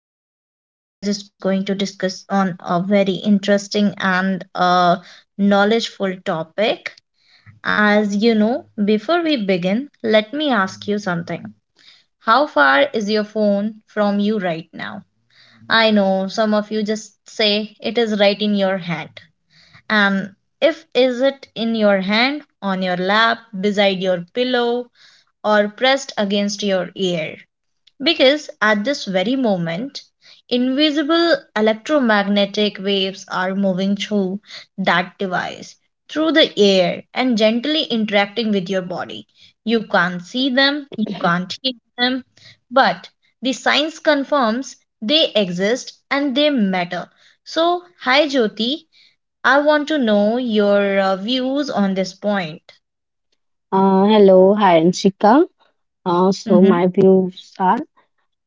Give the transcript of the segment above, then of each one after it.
me. We are just going to discuss on a very interesting and knowledgeful topic. As you know, before we begin, let me ask you something. How far is your phone from you right now? I know some of you just say it is right in your hand. And if is it in your hand, on your lap, beside your pillow, or pressed against your ear. Because at this very moment, invisible electromagnetic waves are moving through that device, through the air, and gently interacting with your body. You can't see them, you can't hear them, but the science confirms they exist and they matter. So, hi Jyoti, I want to know your views on this point. Hello, hi, Anshika. So Mm-hmm. my views are,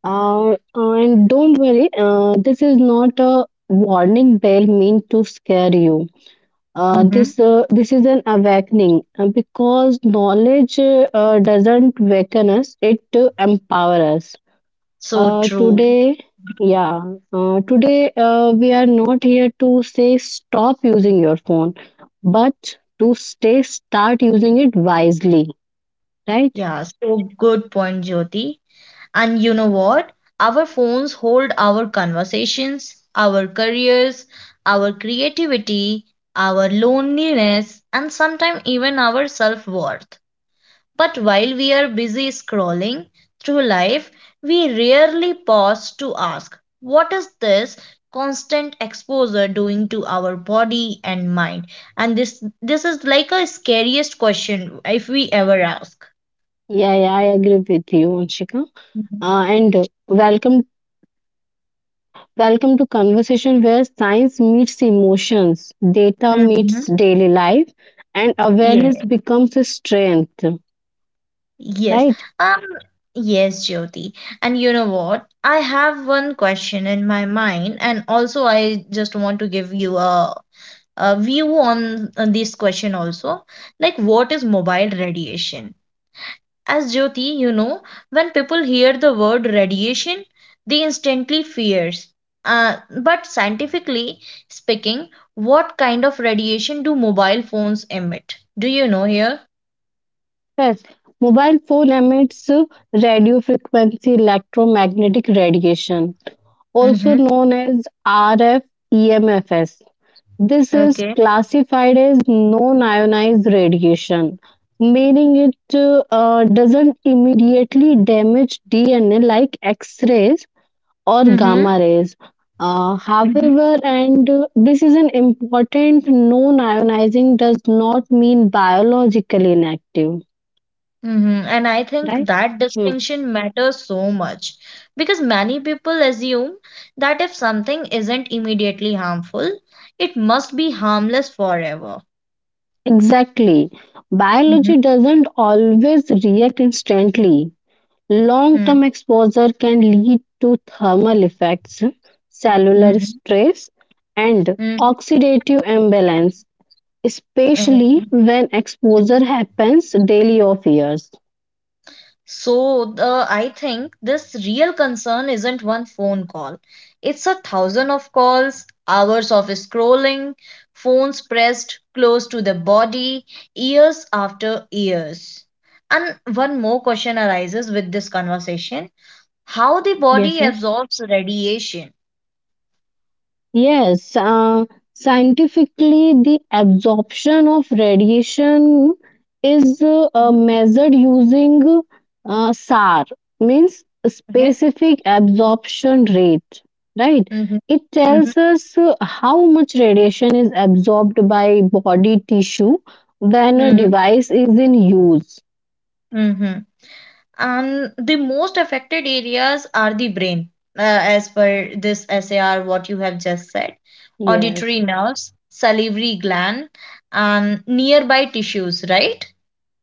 uh, and don't worry, this is not a warning bell meant to scare you. Mm-hmm. This is an awakening because knowledge doesn't waken us; it empower us. So Uh, true. today, yeah, Today we are not here to say stop using your phone, but to stay start using it wisely, right? Yeah, so good point, Jyoti. And you know what? Our phones hold our conversations, our careers, our creativity, our loneliness, and sometimes even our self worth. But while we are busy scrolling through life, we rarely pause to ask, what is this constant exposure doing to our body and mind? And this is like a scariest question if we ever ask. Yeah, yeah, I agree with you, Anshika. Uh, and uh, welcome, welcome to conversation where science meets emotions, data Mm-hmm. meets daily life, and Yeah, awareness becomes a strength. yes. Right? Um, yes, Jyoti. And you know what? I have one question in my mind, and also I just want to give you a view on this question also. Like, what is mobile radiation? As Jyoti, you know, when people hear the word radiation, they instantly fears. Uh, but scientifically speaking, what kind of radiation do mobile phones emit? Do you know here? Yes. Mobile phone emits radio frequency electromagnetic radiation, also Mm-hmm. known as RF EMFs. This is Okay. classified as non-ionized radiation, meaning it doesn't immediately damage DNA like X-rays or Mm-hmm. gamma rays. Mhm. However, and this is an important non-ionizing does not mean biologically inactive, Mm-hmm. And I think right? that Hmm. distinction matters so much because many people assume that if something isn't immediately harmful, it must be harmless forever. Exactly. Mhm. Biology doesn't always react instantly. Long term Mm-hmm. exposure can lead to thermal effects, cellular Mm-hmm. stress, and Mm-hmm. oxidative imbalance, Mm-hmm. especially when exposure happens daily or years. So the I think this real concern isn't one phone call. It's a thousand of calls, hours of scrolling, phones pressed close to the body, years after years. And one more question arises with this conversation. How the Yes, body yes. absorbs radiation. Yes, scientifically, the absorption of radiation is Mhm. measured using SAR, means Okay. specific absorption rate, right? Hmm. It tells Hmm. us how much radiation is absorbed by body tissue when a device is in use. Hmm. Hmm. And the most affected areas are the brain, as per this SAR, what you have just said, auditory Yes. nerves, salivary gland, and nearby tissues, right?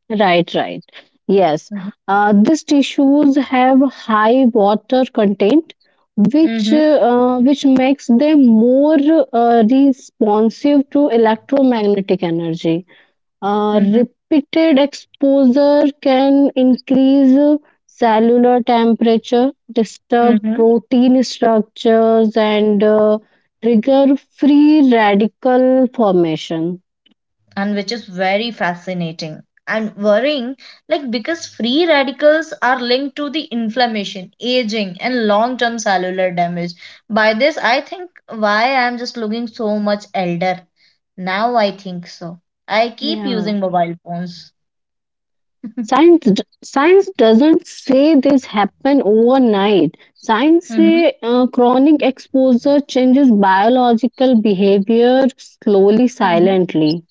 Right, right. Yes. Mm-hmm. These tissues have high water content, which Mm-hmm. Makes them more responsive to electromagnetic energy. Mm-hmm. Repeated exposure can increase cellular temperature, disturb Mm-hmm. protein structures, and trigger free radical formation. And which is very fascinating and worrying, like because free radicals are linked to the inflammation, aging, and long-term cellular damage. By this, I think why I'm just looking so much elder. Now I think so. I keep Yeah. using mobile phones. Science doesn't say this happen overnight. Science Mhm, say chronic exposure changes biological behavior slowly, mhm. silently.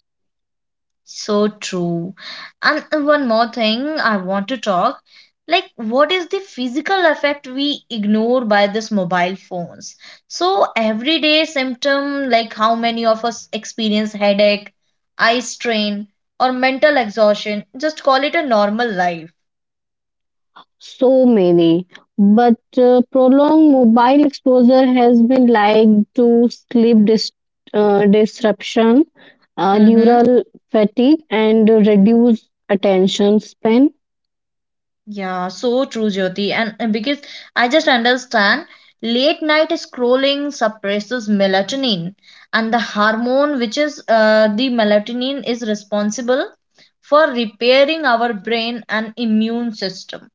So true. And one more thing I want to talk like, what is the physical effect we ignore by this mobile phones? So, everyday symptom, like how many of us experience headache, eye strain, or mental exhaustion, just call it a normal life. So many, but prolonged mobile exposure has been linked to disruption, Mm-hmm. neural fatigue, and reduced attention span. Yeah, so true, Jyoti. And because I just understand late night scrolling suppresses melatonin, and the hormone which is the melatonin is responsible for repairing our brain and immune system.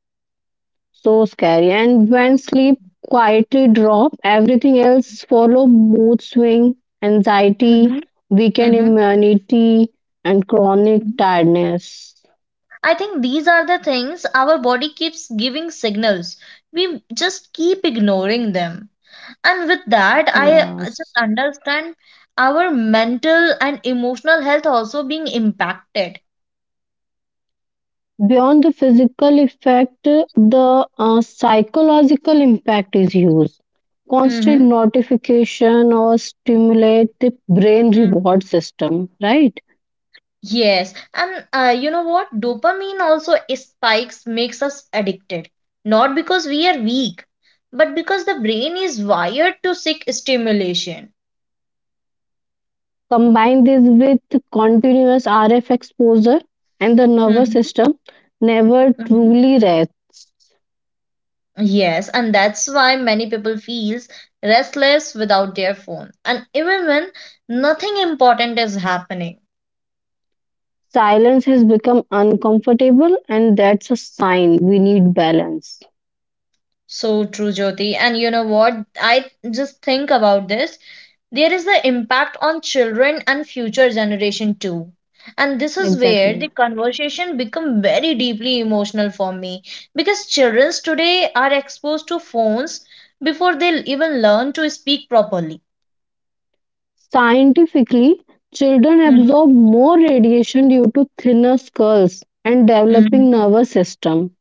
So scary. And when sleep quietly drop, everything else follow mood swing, Hmm. anxiety, weakened Hmm. immunity, and chronic tiredness. I think these are the things our body keeps giving signals. We just keep ignoring them. And with that, I just Yes. understand our mental and emotional health also being impacted. Beyond the physical effect, the psychological impact is huge. Constant Mm-hmm. notification or stimulate the brain Mm. reward system, right? Yes, and you know what? Dopamine also spikes makes us addicted, not because we are weak, but because the brain is wired to seek stimulation. Combine this with continuous RF exposure, and the nervous Mm-hmm. system never Hmm. truly rests. Yes, and that's why many people feels restless without their phone, and even when nothing important is happening. Silence has become uncomfortable, and that's a sign we need balance. So true, Jyoti. And you know what? I just think about this. There is the impact on children and future generation too. And this is where the Exactly. conversation become very deeply emotional for me because children today are exposed to phones before they even learn to speak properly. Scientifically, children Mhm. absorb more radiation due to thinner skulls and Mhm. developing nervous system.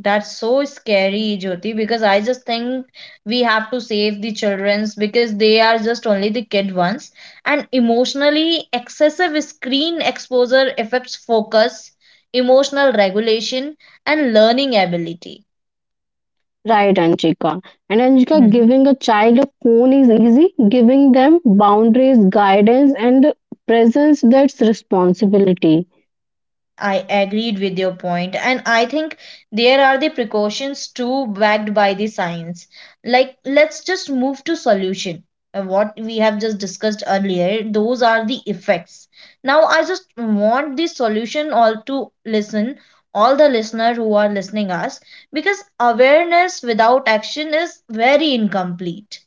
That's so scary, Jyoti, because I just think we have to save the children's because they are just only the kid ones. And emotionally excessive screen exposure affects focus, emotional regulation, and learning ability. Right, Anchika. And Anchika, Hmm. giving a child a phone is easy. Giving them boundaries, guidance, and presence, that's responsibility. I agreed with your point, and I think there are the precautions too backed by the science. Like, let's just move to solution. What we have just discussed earlier, those are the effects. Now, I just want the solution all to listen, all the listener who are listening us, because awareness without action is very incomplete.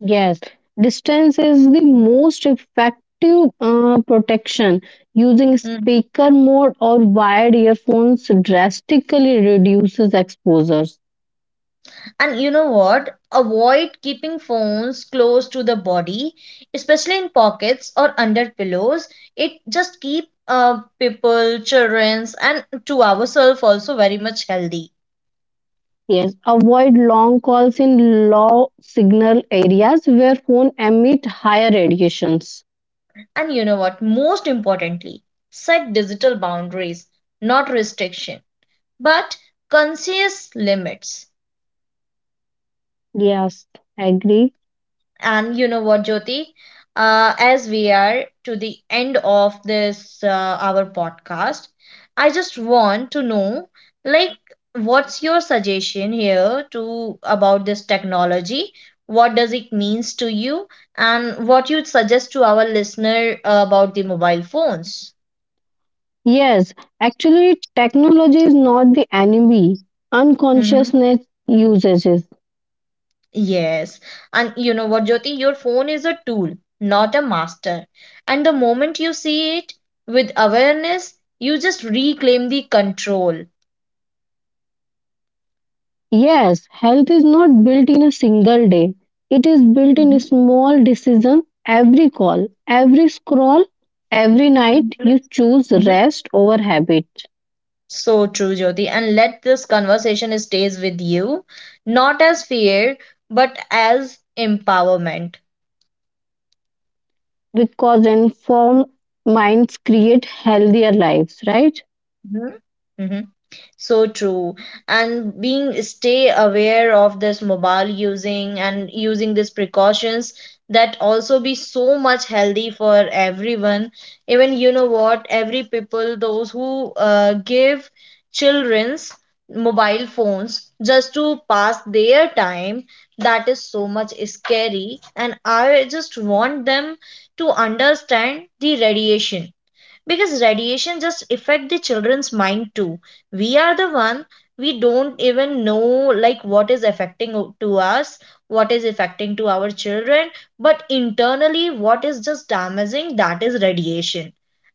Yes, distance is the most effective protection. Using Hmm. speaker mode or wired earphones drastically reduces exposures. And you know what? Avoid keeping phones close to the body, especially in pockets or under pillows. It just keep people, children's, and to ourselves also very much healthy. Yes, avoid long calls in low signal areas where phone emit higher radiations. And you know what? Most importantly, set digital boundaries, not restriction, but conscious limits. Yes, agree. And you know what, Jyoti? As we are to the end of this our podcast, I just want to know, like, what's your suggestion here to about this technology? What does it means to you, and what you'd suggest to our listener about the mobile phones? Yes, actually, technology is not the enemy. Mhm. Unconsciousness uses it. Yes. And you know what, Jyoti? Your phone is a tool, not a master. And the moment you see it with awareness, you just reclaim the control. Yes, health is not built in a single day. It is built in a Mhm. small decision, every call, every scroll, every night you choose Mhm. rest over habit, So true, Jyoti. And let this conversation stays with you, not as fear, but as empowerment. because informed minds create healthier lives, right? Mhm. Mhm. So true. And being stay aware of this mobile using and using these precautions, that also be so much healthy for everyone. Even you know what, every people those who give children's mobile phones just to pass their time, that is so much scary, and I just want them to understand the radiation, because radiation just affect the children's mind too. We are the one, we don't even know like what is affecting to us, what is affecting to our children, but internally what is just damaging, that is radiation.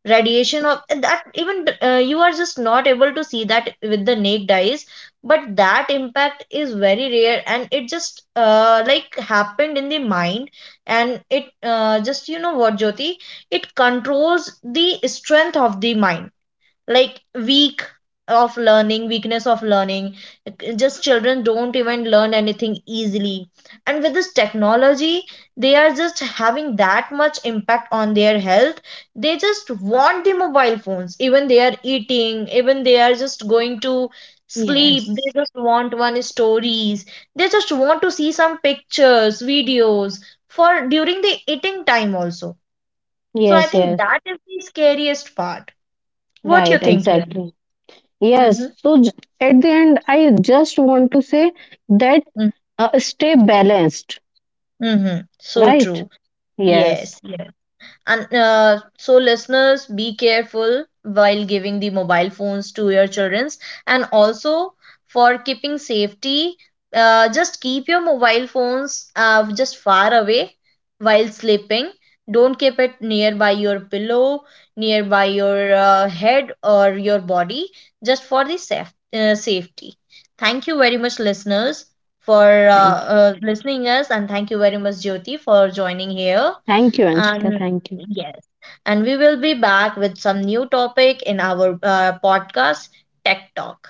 Radiation of that even you are just not able to see that with the naked eyes, but that impact is very rare and it just like happened in the mind. And it just, you know what, Jyoti, it controls the strength of the mind, like weakness of learning. Just children don't even learn anything easily, and with this technology they are just having that much impact on their health. They just want the mobile phones, even they are eating, even they are just going to sleep, Yes. they just want one stories, they just want to see some pictures videos for during the eating time also. So I Yes, think yes, that is the scariest part. What right, you think here? exactly. Mm-hmm. Yes, so j- at the end, I just want to say that Mm-hmm. Uh, stay balanced, Mm-hmm. So right? true. Yes. Yes. Yes. And so, listeners, be careful while giving the mobile phones to your children. And also, for keeping safety, just keep your mobile phones just far away while sleeping. Don't keep it nearby your pillow, nearby your head, or your body, just for the safety. Thank you very much, listeners, for Thank you. Listening us, and thank you very much, Jyoti, for joining here. Thank you, Anshika. And Thank you. yes, and we will be back with some new topic in our podcast, Tech Talk.